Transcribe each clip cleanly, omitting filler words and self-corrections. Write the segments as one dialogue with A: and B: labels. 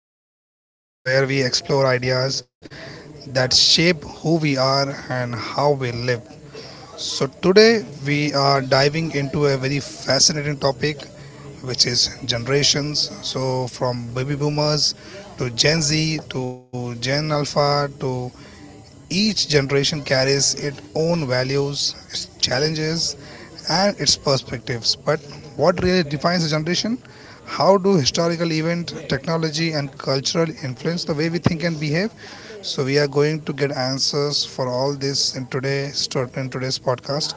A: podcast, the show where we explore ideas that shape who we are and how we live. Today we are diving into a very fascinating topic which is generations. So from baby boomers to Gen Z to Gen Alpha, to each generation carries its own values, its challenges, and its perspectives. But what really defines a generation? How do historical events, technology, and cultural influence the way we think and behave? So we are going to get answers for all this in today's podcast.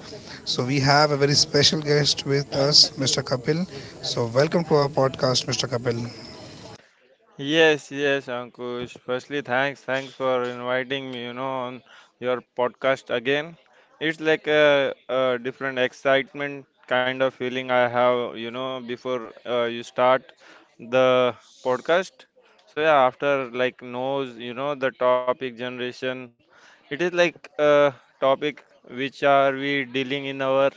A: So we have a very special guest with us, Mr. Kapil. So welcome to our podcast, Mr. Kapil.
B: Yes, yes, Ankush. Firstly, thanks for inviting me. You know, on your podcast again. It's like a different excitement kind of feeling I have. You know, before you start the podcast. So yeah, after like knows, you know, the topic generation. It is like a topic which are we dealing in our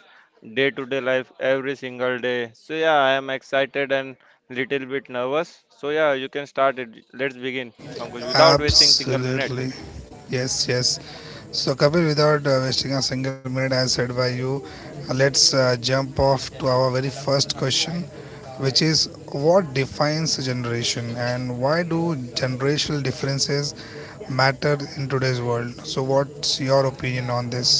B: day-to-day life every single day. So yeah, I am excited and little bit nervous. So yeah, you can start it. Let's begin, Pankaj, without wasting single minute.
A: Absolutely, yes, yes. So Kapil, without wasting a single minute, as said by you, let's jump off to our very first question, which is what defines a generation and why do generational differences matter in today's world? So what's your opinion on this?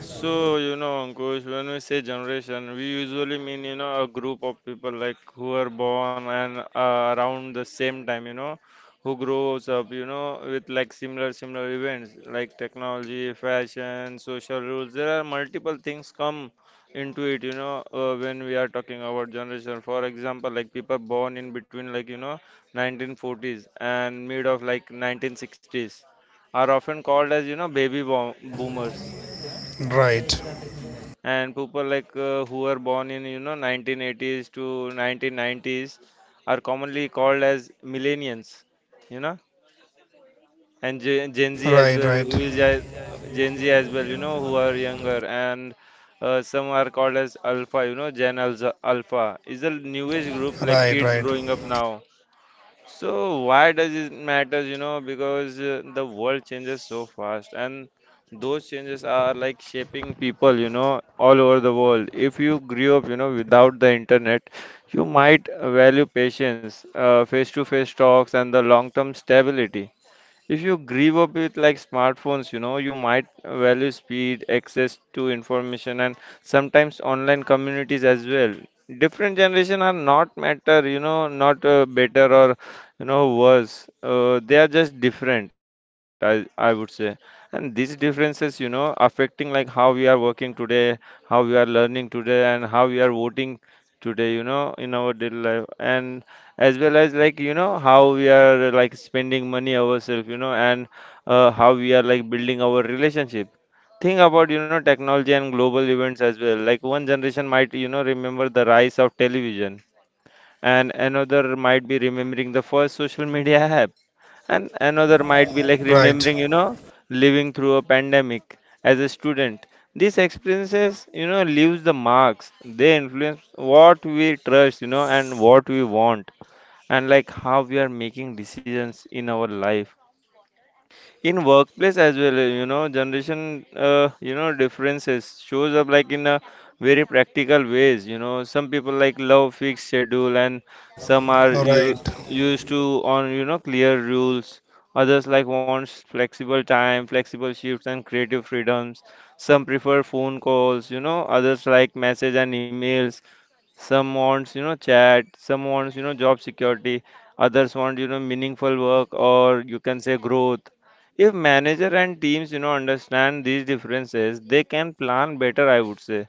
B: So, you know, Ankush, when we say generation, we usually mean, you know, a group of people like who are born and around the same time, you know, who grows up, you know, with like similar events like technology, fashion, social rules. There are multiple things come into it, you know, when we are talking about generation. For example, like people born in between like, you know, 1940s and mid of like 1960s are often called as, you know, boomers
A: Right,
B: and people like who are born in you know 1980s to 1990s are commonly called as millennials, you know, and gen z as
A: right,
B: well
A: right,
B: gen z as well, you know, who are younger, and some are called as alpha, you know. Alpha is the newest group, like
A: right,
B: kids
A: right,
B: growing up now. So why does it matters? You know, because the world changes so fast, and those changes are like shaping people. You know, all over the world. If you grew up, you know, without the internet, you might value patience, face-to-face talks, and the long-term stability. If you grew up with like smartphones, you know, you might value speed, access to information, and sometimes online communities as well. Different generation are not matter, you know, not better or, you know, worse. They are just different, I would say. And these differences, you know, affecting like how we are working today, how we are learning today, and how we are voting today, you know, in our daily life, and as well as like, you know, how we are like spending money ourselves, you know, and how we are like building our relationship. Think about, you know, technology and global events as well. Like one generation might, you know, remember the rise of television, and another might be remembering the first social media app, and another might be like
A: right,
B: remembering, you know, living through a pandemic as a student. These experiences, you know, leaves the marks. They influence what we trust, you know, and what we want, and like how we are making decisions in our life. In workplace as well, you know, generation you know differences shows up like in a very practical ways. You know, some people like love fixed schedule, and some are you
A: right,
B: used to on, you know, clear rules. Others like wants flexible time, flexible shifts, and creative freedoms. Some prefer phone calls, you know, others like message and emails. Some wants, you know, chat. Some wants, you know, job security. Others want, you know, meaningful work, or you can say growth. If manager and teams, you know, understand these differences, they can plan better, I would say.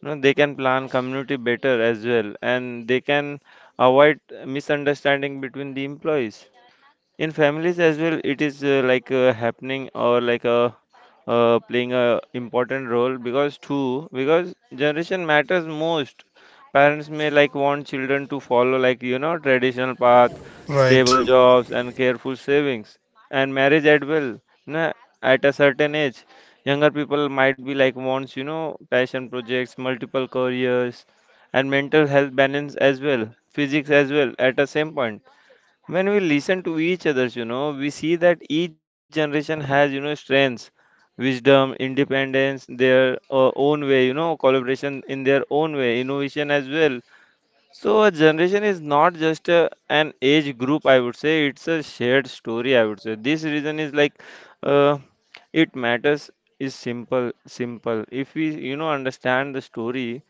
B: You know, they can plan community better as well, and they can avoid misunderstanding between the employees. In families as well, it is like happening, or like playing a important role, because too, because generation matters most. Parents may like want children to follow like, you know, traditional path, stable
A: right,
B: jobs, and careful savings, and marriage as well, na- at a certain age. Younger people might be like wants, you know, passion projects, multiple careers, and mental health balance as well, physics as well, at the same point. When we listen to each others, you know, we see that each generation has, you know, strengths, wisdom, independence their own way, you know, collaboration in their own way, innovation as well. So a generation is not just an age group. I would say it's a shared story. I would say this reason is like, uh, it matters is simple. Simple. If we, you know, understand the story,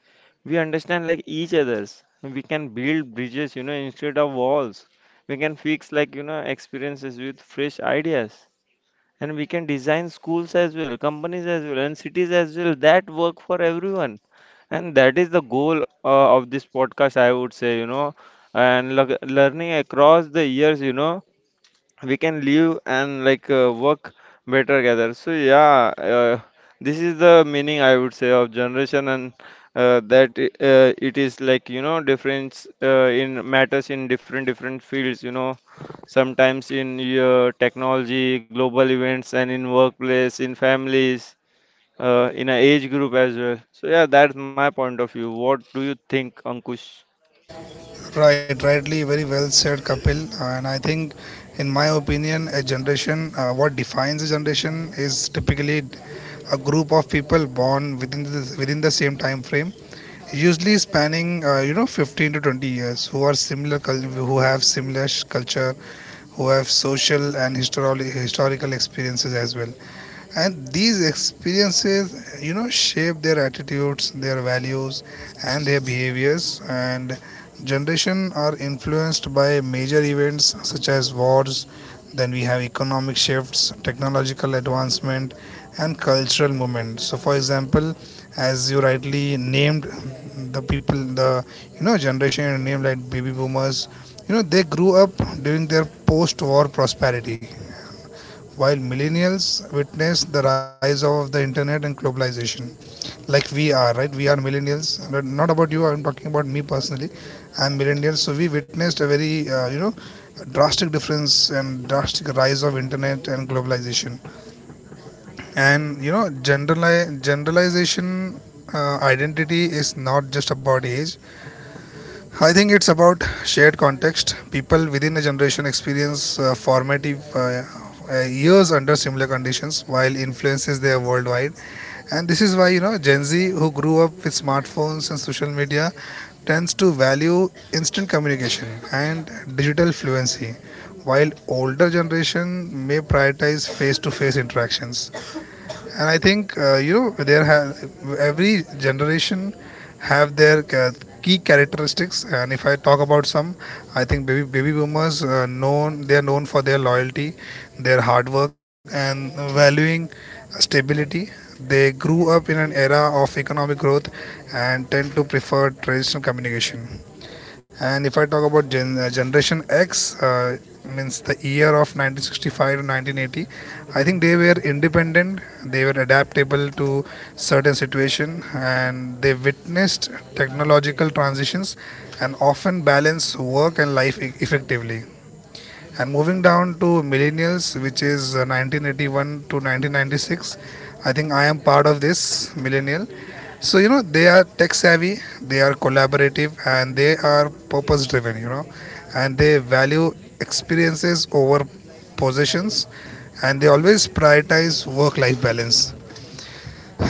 B: we understand like each others. We can build bridges, you know, instead of walls. We can fix like, you know, experiences with fresh ideas, and we can design schools as well, companies as well, and cities as well that work for everyone, and that is the goal of this podcast, I would say, you know, and learning across the years, you know, we can live and like work better together. So yeah, this is the meaning, I would say, of generation, and it is like, you know, difference in matters in different different fields, you know, sometimes in your technology, global events, and in workplace, in families, in a age group as well. So yeah, that's my point of view. What do you think, Ankush?
A: right, rightly, very well said, Kapil. And I think, in my opinion, a generation, what defines a generation, is typically a group of people born within the same time frame, usually spanning 15 to 20 years, who are who have culture, who have social and historical experiences as well. And these experiences, you know, shape their attitudes, their values, and their behaviors. And generation are influenced by major events such as wars. Then we have economic shifts, technological advancement, and cultural movement. So for example, as you rightly named, the people the you know, generation you named like baby boomers, you know, they grew up during their post war prosperity, while millennials witness the rise of the internet and globalization. Like we are, right, we are millennials. Not about you, I'm talking about me personally. I'm millennial. So we witnessed a very you know, drastic difference and drastic rise of internet and globalization. And you know, generalization, identity is not just about age. I think it's about shared context. People within a generation experience formative years under similar conditions, while influences they are worldwide. And this is why, you know, Gen Z, who grew up with smartphones and social media, tends to value instant communication and digital fluency, while older generation may prioritize face-to-face interactions. And I think, you know, there have, every generation have their key characteristics. And if I talk about some, I think baby boomers, known they are known for their loyalty, their hard work, and valuing stability. They grew up in an era of economic growth and tend to prefer traditional communication. And if I talk about Generation X, means the year of 1965 to 1980, I think they were independent, they were adaptable to certain situation, and they witnessed technological transitions and often balance work and life effectively. And moving down to millennials, which is 1981 to 1996, I think I am part of this millennial. So you know, they are tech savvy, they are collaborative, and they are purpose driven. You know, and they value experiences over possessions, and they always prioritize work-life balance.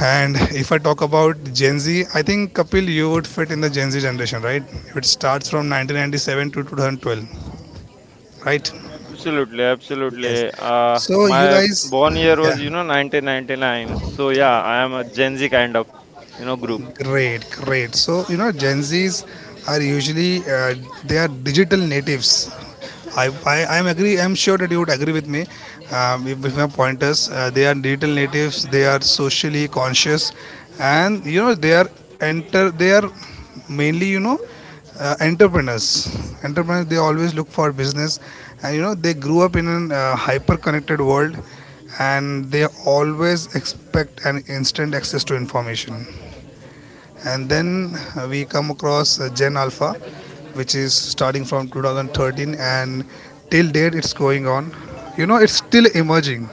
A: And if I talk about Gen Z, I think Kapil, you would fit in the Gen Z generation, right? It starts from 1997 to 2012, right?
B: Absolutely,
A: Yes.
B: absolutely.
A: So you
B: My
A: guys,
B: born year
A: yeah,
B: was, you know, 1999. So yeah, I am a Gen Z kind of, you know, group.
A: great, great. So you know, Gen Zs are usually they are digital natives. I'm agree. I'm sure that you would agree with me with my pointers. They are digital natives. They are socially conscious, and you know, they are enter. They are mainly, you know, entrepreneurs. Entrepreneurs. They always look for business, and you know, they grew up in a hyper-connected world, and they always expect an instant access to information. And then we come across Gen Alpha, which is starting from 2013 and till date it's going on. You know, it's still emerging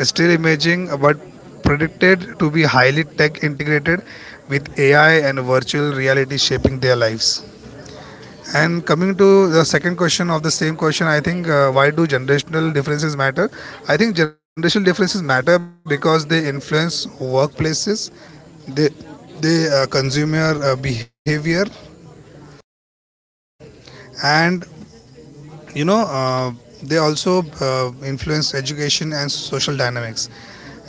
A: it's still emerging, but predicted to be highly tech integrated with ai and virtual reality shaping their lives. And coming to the second question of the same question, I think, why do generational differences matter? I think generational differences matter because they influence workplaces, they they consumer behavior, and you know, they also uh, influence education and social dynamics.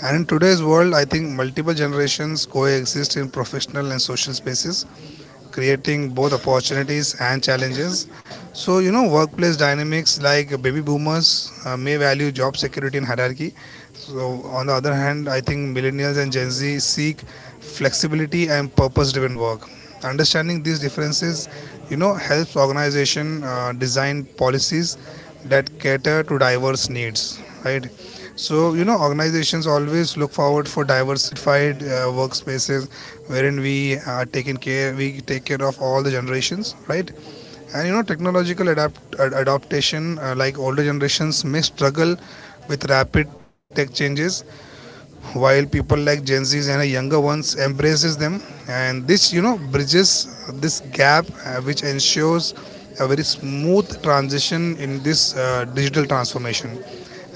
A: And in today's world, I think multiple generations coexist in professional and social spaces, creating both opportunities and challenges. So you know, workplace dynamics, like baby boomers may value job security and hierarchy. So on the other hand, I think millennials and Gen Z seek flexibility and purpose-driven work. Understanding these differences, you know, helps organization design policies that cater to diverse needs, right? So you know, organizations always look forward for diversified workspaces wherein we take care of all the generations, right? And you know, technological adaptation, like older generations may struggle with rapid tech changes, while people like Gen Zs and younger ones embraces them. And this, you know, bridges this gap, which ensures a very smooth transition in this digital transformation.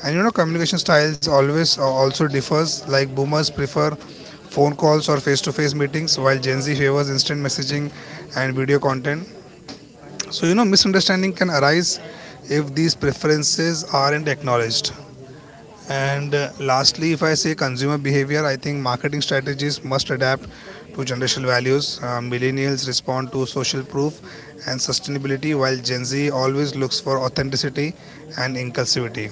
A: And you know, communication styles always also differs. Like boomers prefer phone calls or face-to-face meetings, while Gen Z favors instant messaging and video content. So you know, misunderstanding can arise if these preferences aren't acknowledged. And lastly, if I say consumer behavior, I think marketing strategies must adapt to generational values. Millennials respond to social proof and sustainability, while Gen Z always looks for authenticity and inclusivity.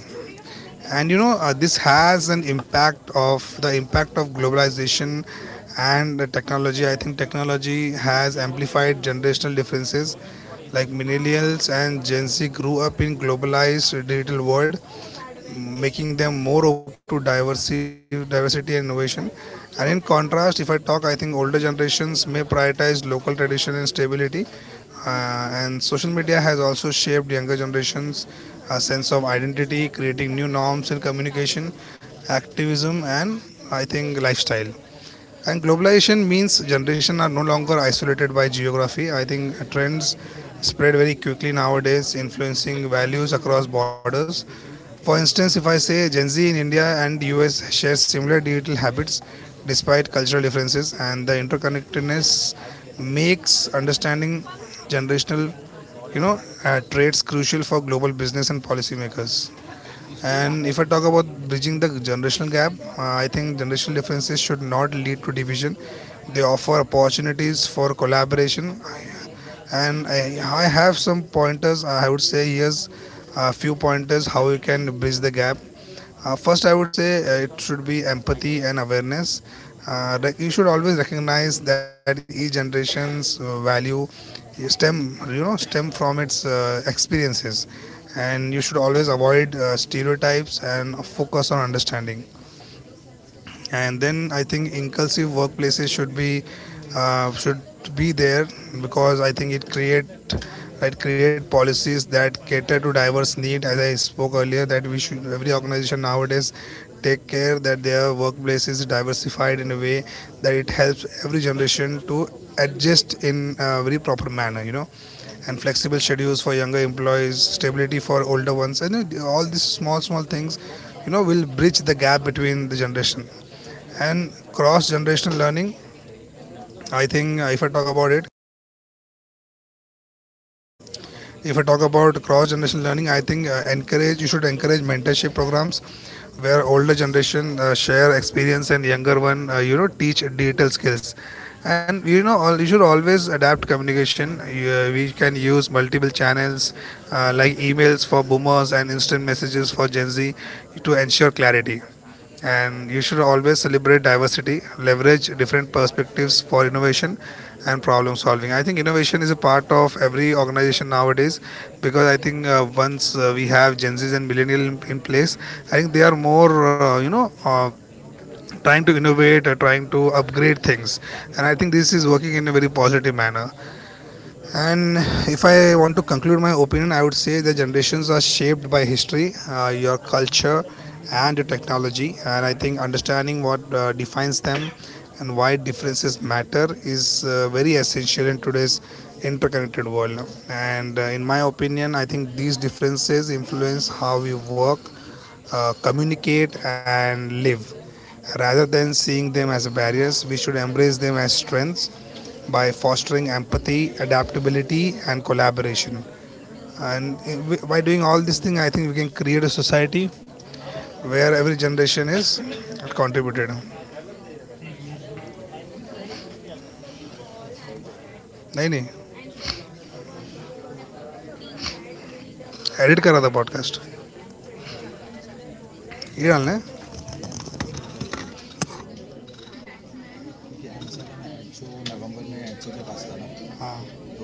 A: And you know, this has an impact of the impact of globalization and technology. I think technology has amplified generational differences. Like millennials and Gen Z grew up in globalized digital world, making them more open to diversity and innovation. And in contrast, if I talk, I think older generations may prioritize local tradition and stability. And social media has also shaped younger generations' a sense of identity, creating new norms in communication, activism, and I think lifestyle. And globalization means generations are no longer isolated by geography. I think trends spread very quickly nowadays, influencing values across borders. For instance, if I say Gen Z in India and US share similar digital habits despite cultural differences. And the interconnectedness makes understanding generational, you know, traits crucial for global business and policymakers. And if I talk about bridging the generational gap, I think generational differences should not lead to division. They offer opportunities for collaboration, and I have some pointers. I would say here's a few pointers how you can bridge the gap. Uh, first, I would say it should be empathy and awareness. Like, you should always recognize that each generation's value stem from its experiences, and you should always avoid stereotypes and focus on understanding. And then I think inclusive workplaces should be there, because I think it create policies that cater to diverse need. As I spoke earlier, that we should, every organization nowadays, take care that their workplace is diversified in a way that it helps every generation to adjust in a very proper manner, you know. And flexible schedules for younger employees, stability for older ones, and all these small small things, you know, will bridge the gap between the generation. And cross generational learning, I think, if I talk about it if I talk about cross-generation learning, I think, encourage you should encourage mentorship programs where older generation share experience and younger one you know, teach digital skills. And you know, you should always adapt communication. We can use multiple channels like emails for boomers and instant messages for Gen Z to ensure clarity. And you should always celebrate diversity, leverage different perspectives for innovation and problem solving. I think innovation is a part of every organization nowadays, because I think once we have Gen Zs and millennial in place, I think they are more, trying to innovate or trying to upgrade things. And I think this is working in a very positive manner. And if I want to conclude my opinion, I would say the generations are shaped by history, your culture, and your technology. And I think understanding what defines them and why differences matter is very essential in today's interconnected world. And in my opinion, I think these differences influence how we work, communicate, and live. Rather than seeing them as barriers, we should embrace them as strengths by fostering empathy, adaptability, and collaboration. And by doing all these things, I think we can create a society where every generation is contributed. नहीं नहीं edit करा था podcast ये डालना है हाँ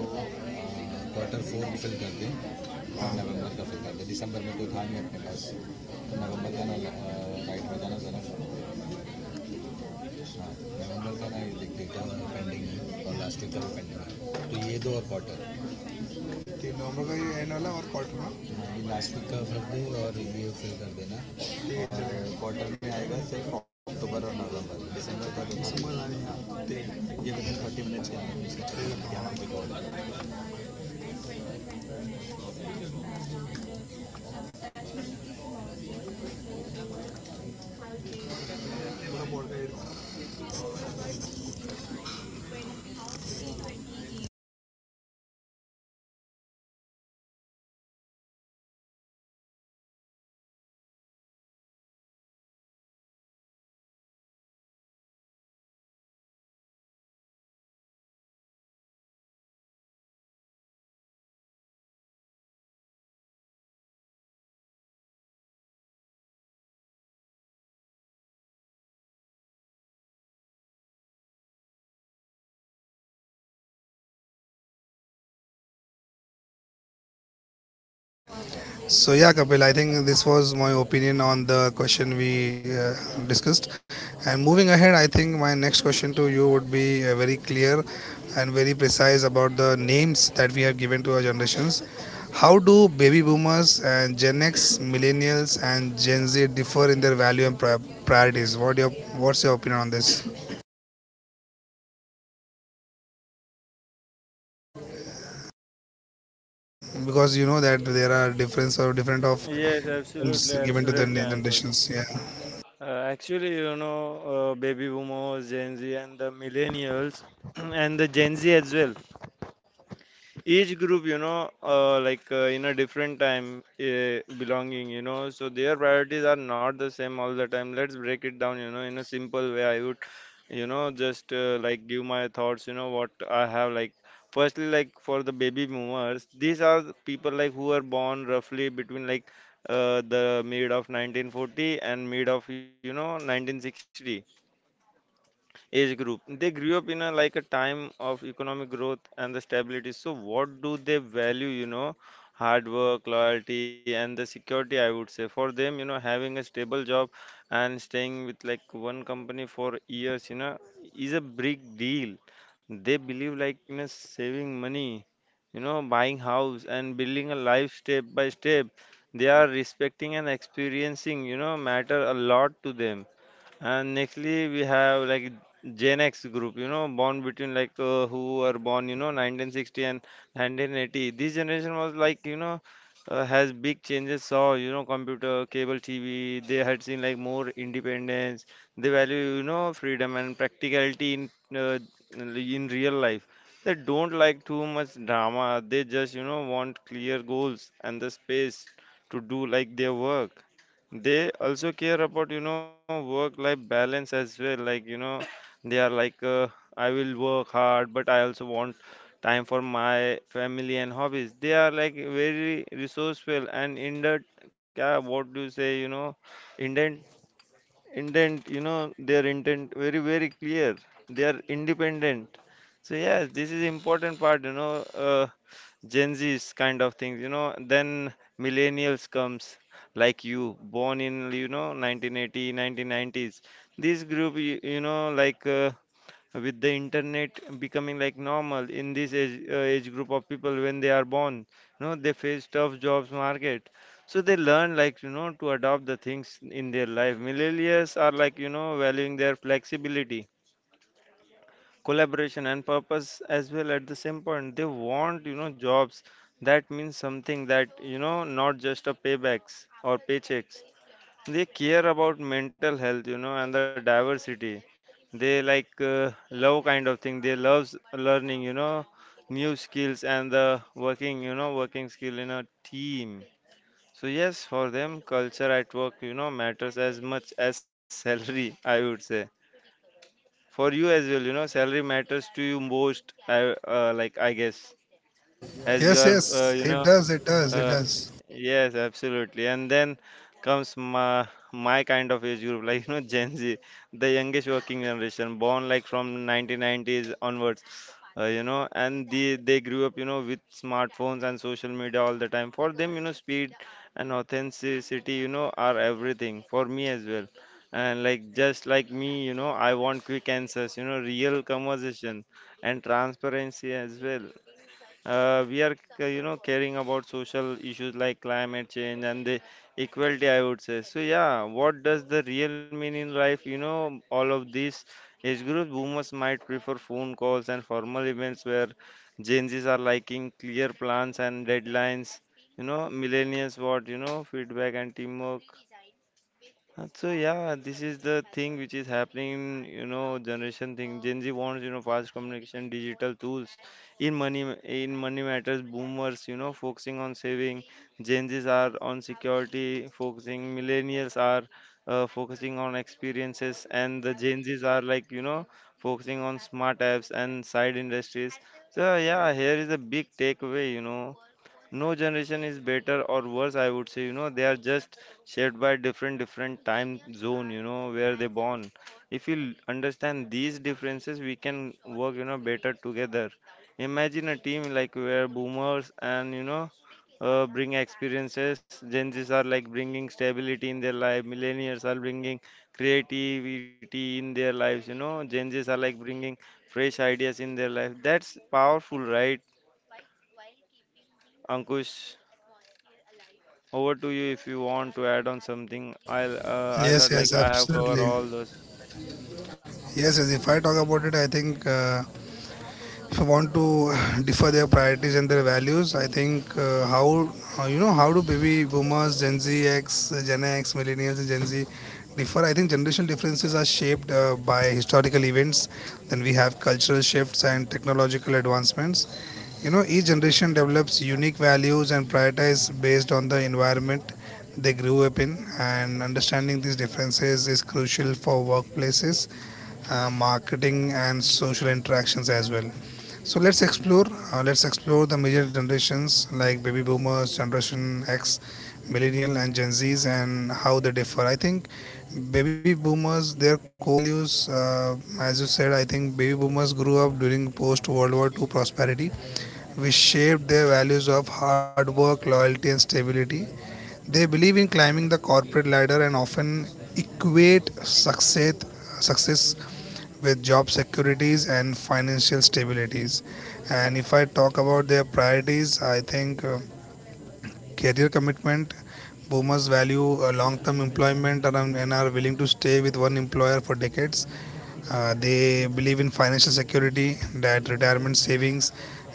A: तीन नवंबर का ये एंड वाला और क्वार्टर में. So yeah, Kapil, I think this was my opinion on the question we uh, discussed. And moving ahead, I think my next question to you would be very clear and very precise about the names that we have given to our generations. How do baby boomers and Gen X, millennials and Gen Z differ in their value and priorities? What your what's your opinion on this? Because you know that there are difference or different of
B: Yes, absolutely,
A: names given to the
B: absolutely, Ankush.
A: generations. Yeah.
B: Actually, you know, baby boomers, Gen Z, and the millennials, and the Gen Z as well. Each group, you know, in a different time belonging, you know, so their priorities are not the same all the time. Let's break it down, you know, in a simple way. I would, you know, just like give my thoughts, you know, what I have like. Firstly, like for the baby boomers, these are the people like who are born roughly between like the mid of 1940 and mid of, you know, 1960 age group. They grew up in a like a time of economic growth and the stability. So what do they value, you know? Hard work, loyalty, and the security, I would say. For them, you know, having a stable job and staying with like one company for years, you know, is a big deal. They believe like, you know, saving money, you know, buying house, and building a life step by step. They are respecting and experiencing, you know, matter a lot to them. And nextly, we have like Gen X group, you know, born between like who were born, you know, 1960 and 1980. This generation was like, you know, has big changes, saw, you know, computer, cable TV. They had seen like more independence. They value, you know, freedom and practicality uh, in real life. They don't like too much drama. They just, you know, want clear goals and the space to do like their work. They also care about, you know, work life balance as well, like, you know, they are like, I will work hard, but I also want time for my family and hobbies. They are like very resourceful, and in that, yeah, what do you say, you know, indent intent, you know, their intent very very clear, they are independent. So yes, this is important part, you know. Gen Z's kind of things, you know, then millennials comes, like you born in, you know, 1980, 1990s. This group you, you know, like, with the internet becoming like normal in this age, age group of people when they are born, you know, they face tough jobs market. So they learn like, you know, to adopt the things in their life. Millennials are like, you know, valuing their flexibility, collaboration, and purpose as well. At the same point, they want, you know, jobs that means something, that, you know, not just a paybacks or paychecks. They care about mental health, you know, and the diversity. They like love kind of thing. They loves learning, you know, new skills and the working, you know, working skill in a team. So yes, for them, culture at work, you know, matters as much as salary, I would say. For you as well, you know, salary matters to you most, I like I guess, as you
A: Yes,
B: are
A: yes,
B: you
A: it
B: know,
A: does, it does, it
B: uh,
A: does.
B: yes, absolutely. And then comes my my kind of age group, like, you know, Gen Z, the youngest working generation, born like from 1990s onwards. You know, and they grew up, you know, with smartphones and social media all the time. For them, you know, speed and authenticity, you know, are everything. For me as well. And like just like me, you know, I want quick answers, you know, real conversation, and transparency as well. We are you know, caring about social issues like climate change and the equality, I would say. So yeah, what does the real mean in life, you know, all of these age groups? Boomers might prefer phone calls and formal events, where Gen Z's are liking clear plans and deadlines, you know, millennials what, you know, feedback and teamwork. So yeah, this is the thing which is happening, you know, generation thing. Gen Z wants, you know, fast communication, digital tools. In money, in money matters, boomers, you know, focusing on saving. Gen Zs are on security, focusing. Millennials are focusing on experiences, and the Gen Zs are like, you know, focusing on smart apps and side industries. So yeah, here is a big takeaway, you know, no generation is better or worse, I would say, you know, they are just shaped by different different time zone, you know, where they born. If you understand these differences, we can work, you know, better together. Imagine a team like where boomers and, you know, bring experiences, Gen Z's are like bringing stability in their life, millennials are bringing creativity in their lives, you know, Gen Z's are like bringing fresh ideas in their life. That's powerful, right, Ankush? Over to you if you want to add on something. I'll. I thought
A: Yes,
B: like
A: yes,
B: I have covered
A: absolutely.
B: all those.
A: Yes, yes. If I talk about it, I think if I want to differ their priorities and their values, I think how you know how do baby boomers, Gen Z, X, Gen X, millennials, and Gen Z differ? I think generational differences are shaped by historical events. Then we have cultural shifts and technological advancements. You know, each generation develops unique values and prioritize based on the environment they grew up in, and understanding these differences is crucial for workplaces, marketing, and social interactions as well. So let's explore, let's explore the major generations like baby boomers, Generation X, millennial, and Gen Z's, and how they differ. I think baby boomers, their core values, as you said, I think baby boomers grew up during post World War II prosperity, which shaped their values of hard work, loyalty, and stability. They believe in climbing the corporate ladder and often equate success success with job securities and financial stabilities. And if I talk about their priorities, I think career commitment. Boomers value long-term employment and are willing to stay with one employer for decades. They believe in financial security, that retirement savings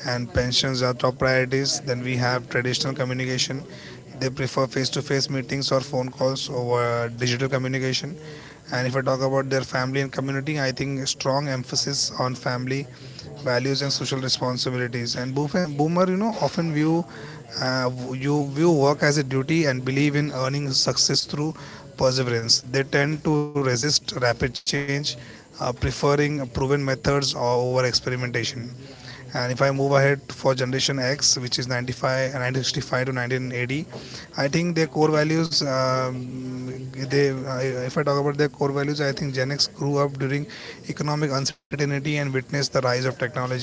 A: and pensions are top priorities. Then we have traditional communication. They prefer face-to-face meetings or phone calls over digital communication. And if I talk about their family and community, I think a strong emphasis on family values and social responsibilities, and boomer, you know, often view you view work as a duty and believe in earning success through perseverance. They tend to resist rapid change, preferring proven methods over experimentation. And if I move ahead for Generation X, which is 95 1965 to 1980, I think their core values, they if I talk about their core values, I think Gen X grew up during economic uncertainty and witnessed the rise of technology.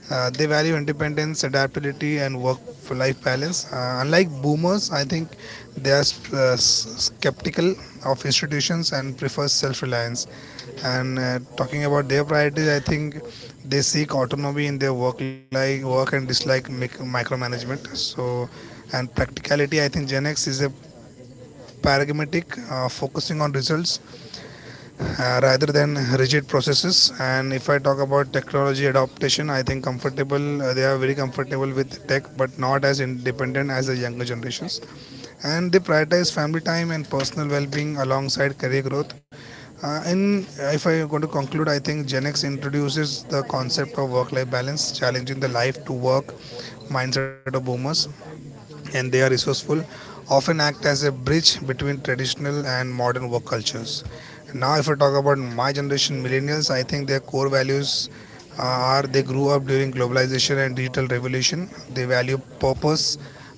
A: Uh, they value independence, adaptability, and work-life balance. Unlike boomers, I think they are uh, skeptical of institutions and prefer self-reliance. And talking about their priorities, I think they seek autonomy in their work and dislike micromanagement. So, and practicality, I think Gen X is a pragmatic, focusing on results rather than rigid processes. And if I talk about technology adaptation, I think comfortable they are very comfortable with tech, but not as independent as the younger generations. And they prioritize family time and personal well-being alongside career growth. In If I am going to conclude, I think Gen X introduces the concept of work-life balance, challenging the life to work mindset of boomers, and they are resourceful, often act as a bridge between traditional and modern work cultures. Now, if I talk about my generation, millennials, I think their core values are they grew up during globalization and digital revolution. They value purpose,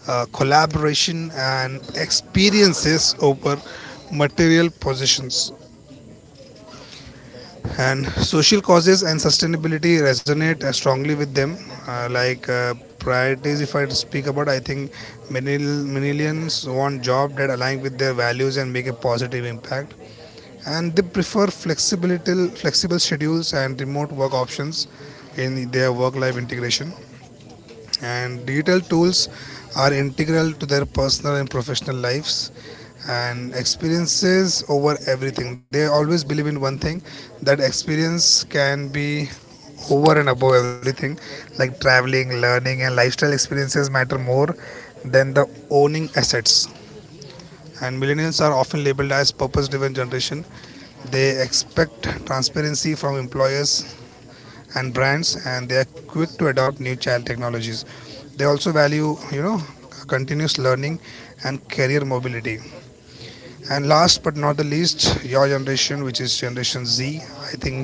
A: collaboration, and experiences over material possessions, and social causes and sustainability resonate strongly with them. uh, like uh, Priorities, if I speak about, I think many millions want jobs that align with their values and make a positive impact, and they prefer flexibility flexible schedules and remote work options in their work life integration, and digital tools are integral to their personal and professional lives, and experiences over everything. They always believe in one thing, that experience can be over and above everything, like traveling, learning, and lifestyle experiences matter more than the owning assets. And millennials are often labeled as purpose driven generation. They expect transparency from employers and brands, and they are quick to adopt new child technologies. They also value, you know, continuous learning and career mobility. And last but not the least, your generation, which is Generation Z, I think,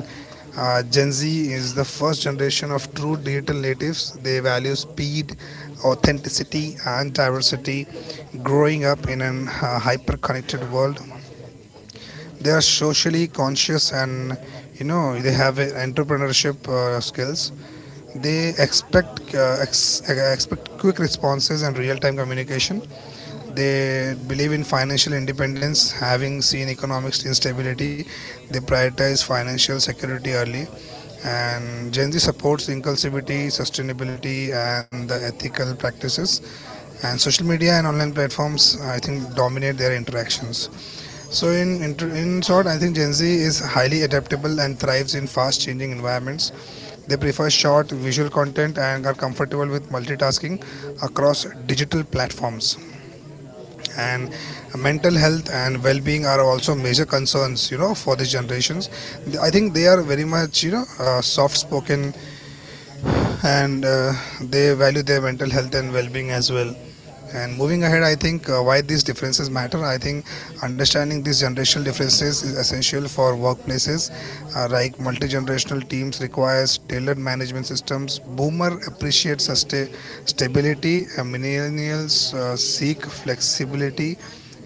A: Gen Z is the first generation of true digital natives. They value speed, authenticity, and diversity. Growing up in an hyper connected world, they are socially conscious, and, you know, they have entrepreneurship skills. They expect expect quick responses and real-time communication. They believe in financial independence, having seen economic instability. They prioritize financial security early. And Gen Z supports inclusivity, sustainability, and the ethical practices. And social media and online platforms, I think, dominate their interactions. So, in short, I think Gen Z is highly adaptable and thrives in fast-changing environments. They prefer short visual content and are comfortable with multitasking across digital platforms. And mental health and well-being are also major concerns, you know, for these generations. I think they are very much, you know, soft-spoken, and they value their mental health and well-being as well. And moving ahead, I think why these differences matter. I think understanding these generational differences is essential for workplaces. Like multi generational teams requires tailored management systems. Boomer appreciate sustain stability, and millennials seek flexibility,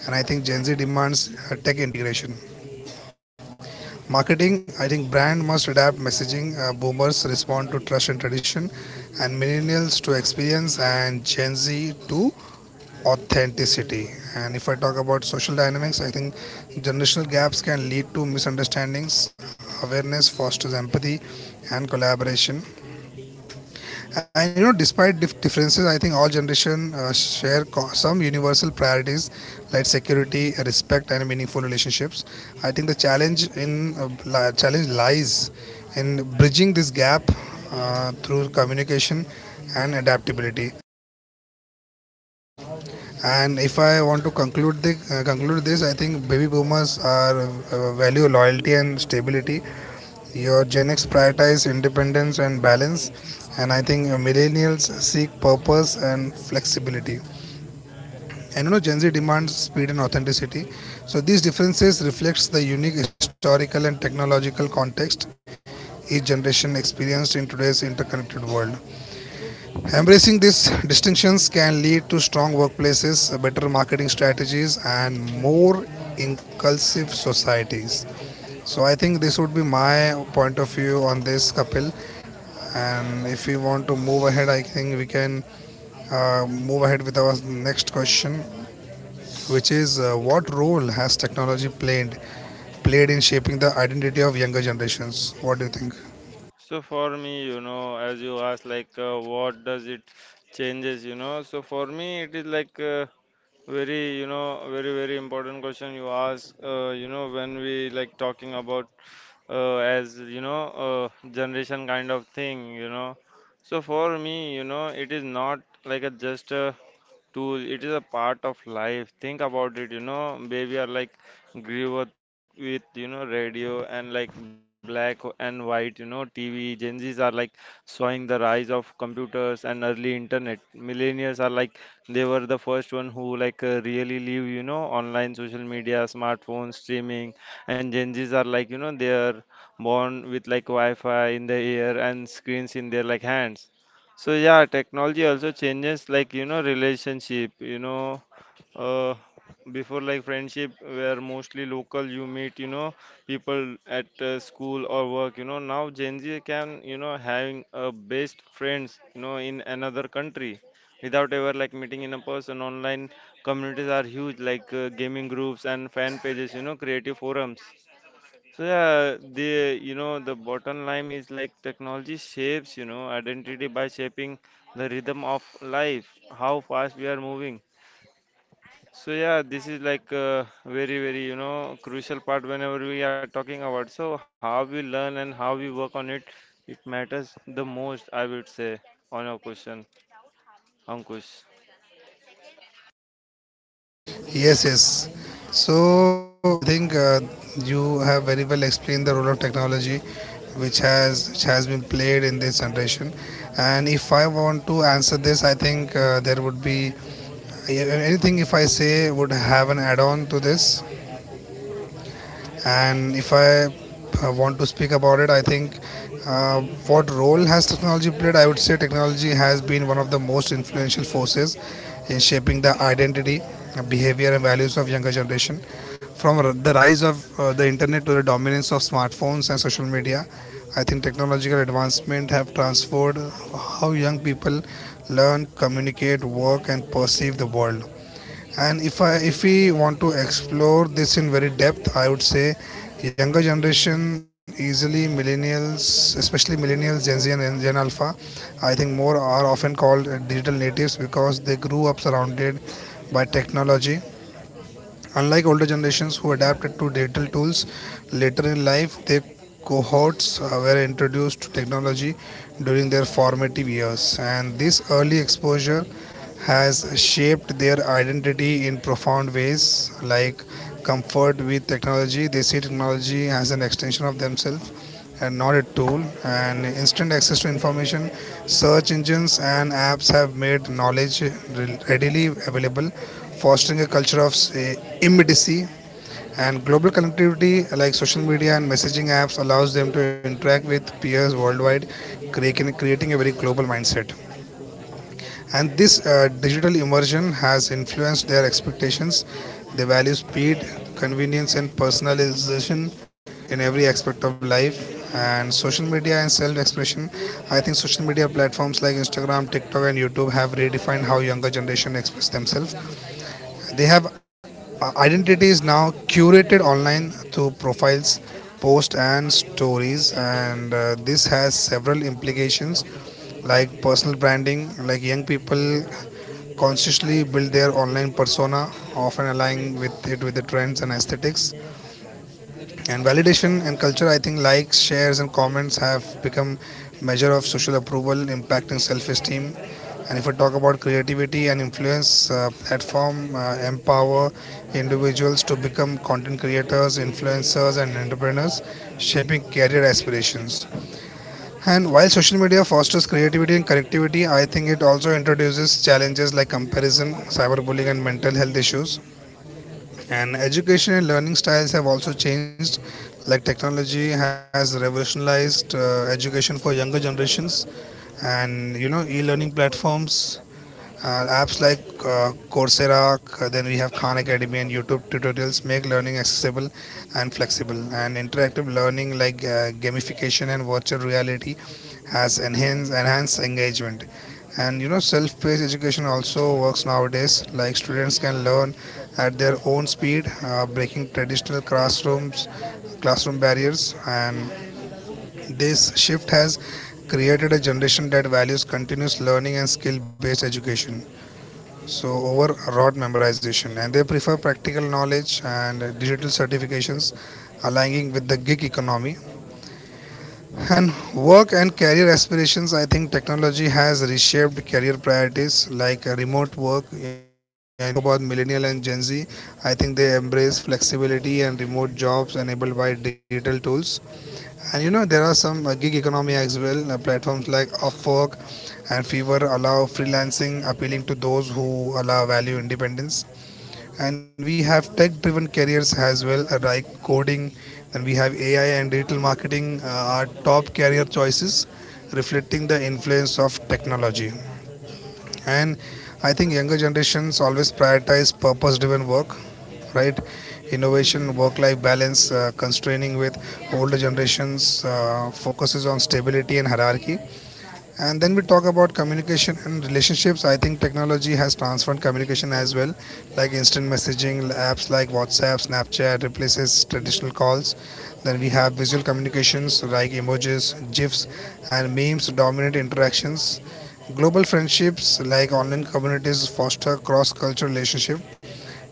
A: and I think Gen Z demands tech integration. Marketing, I think brand must adapt messaging. Boomers respond to trust and tradition, and millennials to experience, and Gen Z to authenticity. And if I talk about social dynamics, I think generational gaps can lead to misunderstandings. Awareness fosters empathy and collaboration. And you know, despite differences, I think all generations share some universal priorities, like security, respect, and meaningful relationships. I think the challenge in, uh, challenge lies in bridging this gap through communication and adaptability. And if I want to conclude conclude this, I think baby boomers are value loyalty and stability. Your Gen X prioritize independence and balance, and I think millennials seek purpose and flexibility. And you know, Gen Z demands speed and authenticity. So these differences reflects the unique historical and technological context each generation experienced in today's interconnected world. Embracing these distinctions can lead to strong workplaces, better marketing strategies, and more inclusive societies. So I think this would be my point of view on this, Kapil. And if we want to move ahead, I think we can move ahead with our next question, which is what role has technology played in shaping the identity of younger generations? What do you think?
B: So for me, you know, as you asked, like what does it changes, you know? So for me, it is like very, you know, very very important question you ask. You know, when we like talking about, as you know, uh, generation kind of thing, you know, so for me, you know, it is not like a just a tool, it is a part of life. Think about it, you know. Baby are like grew up with, you know, radio and like black and white, you know, TV. Gen Z's are like showing the rise of computers and early internet. Millennials are like they were the first one who like, really live, you know, online, social media, smartphones, streaming. And Gen Z's are like, you know, they are born with like wi-fi in the air and screens in their like hands. So yeah, technology also changes like, you know, relationship. You know, uh, before like friendship were mostly local. You meet, you know, people at school or work. You know, now Gen Z can, you know, having a best friends, you know, in another country without ever like meeting in a person. Online communities are huge, like gaming groups and fan pages, you know, creative forums. So yeah, the, you know, the bottom line is like technology shapes, you know, identity by shaping the rhythm of life, how fast we are moving. So yeah, this is like a very very, you know, crucial part whenever we are talking about. So how we learn and how we work on it, it matters the most, I would say, on your question, Ankush.
A: Yes, yes. So I think you have very well explained the role of technology, which has been played in this generation. And if I want to answer this, I think there would be anything. If I say would have an add-on to this, and if I want to speak about it, I think what role has technology played? I would say technology has been one of the most influential forces in shaping the identity, behavior, and values of younger generation. From the rise of the internet to the dominance of smartphones and social media, I think technological advancement have transformed how young people learn, communicate, work, and perceive the world. And if we want to explore this in very depth, I would say younger generation, easily millennials, especially millennials, Gen Z, and Gen Alpha, I think more are often called digital natives because they grew up surrounded by technology. Unlike older generations who adapted to digital tools later in life, their cohorts were introduced to technology during their formative years, and this early exposure has shaped their identity in profound ways, like comfort with technology. They see technology as an extension of themselves and not a tool, and instant access to information. Search engines and apps have made knowledge readily available, fostering a culture of, say, immediacy. And global connectivity, like social media and messaging apps, allows them to interact with peers worldwide, creating a very global mindset. And this digital immersion has influenced their expectations. They value speed, convenience, and personalization in every aspect of life. And social media and self expression. I think social media platforms like Instagram, TikTok, and YouTube have redefined how younger generation express themselves. They have identities now curated online through profiles, posts, and stories. And this has several implications like personal branding. Like, young people consciously build their online persona, often aligning with the trends and aesthetics. And validation and culture, I think likes, shares, and comments have become measure of social approval, impacting self-esteem. And if I talk about creativity and influence, platform empower individuals to become content creators, influencers, and entrepreneurs, shaping career aspirations. And while social media fosters creativity and connectivity, I think it also introduces challenges like comparison, cyberbullying, and mental health issues. And education and learning styles have also changed. Like, technology has revolutionized education for younger generations, and e learning platforms. Apps like Coursera, then we have Khan Academy and YouTube tutorials make learning accessible and flexible. And interactive learning like gamification and virtual reality has enhanced engagement. And self-paced education also works nowadays. Like, students can learn at their own speed, breaking traditional classroom barriers. And this shift has created a generation that values continuous learning and skill-based education, so over rote memorization. And they prefer practical knowledge and digital certifications, aligning with the gig economy. And work and career aspirations, I think technology has reshaped career priorities like remote work. And as we spoke about millennial and Gen Z, I think they embrace flexibility and remote jobs enabled by digital tools. And there are some gig economy as well. Platforms like Upwork and Fiverr allow freelancing, appealing to those who allow value independence. And we have tech driven careers as well, like coding. And we have ai and digital marketing are top career choices, reflecting the influence of technology. And I think younger generations always prioritize purpose driven work, right, innovation, work life balance, constraining with older generations, focuses on stability and hierarchy. And then we talk about communication and relationships. I think technology has transformed communication as well, like instant messaging apps like WhatsApp, Snapchat replaces traditional calls. Then we have visual communications like emojis, GIFs, and memes dominate interactions. Global friendships like online communities foster cross-cultural relationship.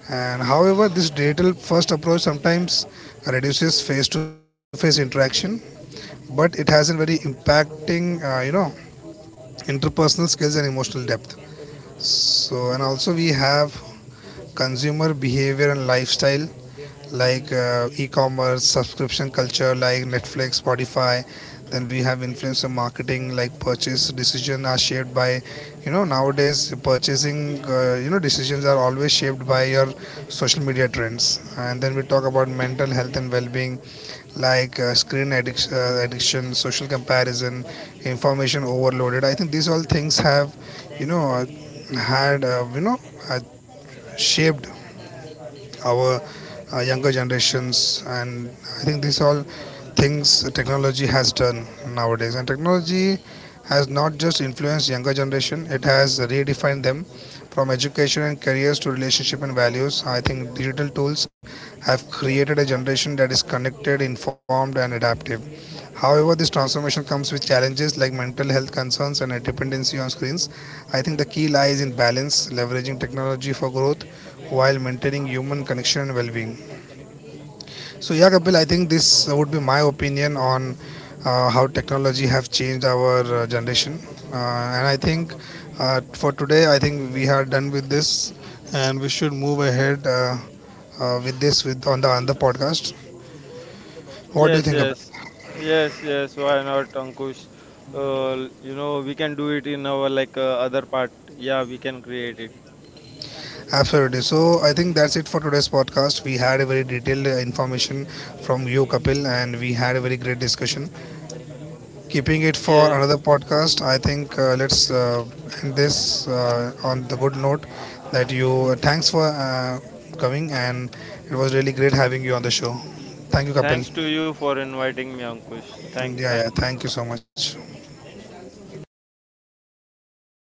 A: And however, this digital first approach sometimes reduces face-to-face interaction, but it has a very impacting, interpersonal skills and emotional depth. So, and also we have consumer behavior and lifestyle, like e-commerce, subscription culture like Netflix, Spotify. Then we have influencer marketing, like purchase decision are shaped by, nowadays purchasing decisions are always shaped by your social media trends. And then we talk about mental health and well-being, like screen addiction, social comparison, information overloaded. I think these all things have, you know, uh, had uh, shaped our younger generations. And I think these all things technology has done nowadays. And technology has not just influenced younger generation; it has redefined them. From education and careers to relationship and values, I think digital tools have created a generation that is connected, informed, and adaptive. However, this transformation comes with challenges like mental health concerns and a dependency on screens. I think the key lies in balance, leveraging technology for growth while maintaining human connection and well being. So, yeah, Kapil, I think this would be my opinion on how technology have changed our generation. And I think for today, I think we are done with this, and we should move ahead, with this with on the podcast. What do you
B: Yes,
A: think, Kapil?
B: yes, yes, yes. Why not, Ankush? You know, we can do it in our like other part. Yeah, we can create it.
A: Absolutely. So I think that's it for today's podcast. We had a very detailed information from you, Kapil, and we had a very great discussion. Keeping it
B: Yeah,
A: for another podcast, I think let's, end this on the good note, that you, thanks for coming, and it was really great having you on the show. Thank you, Kapil.
B: thanks to you for inviting me, Ankush.
A: And
B: Thanks,
A: yeah, yeah.
B: thanks.
A: Thank you so much.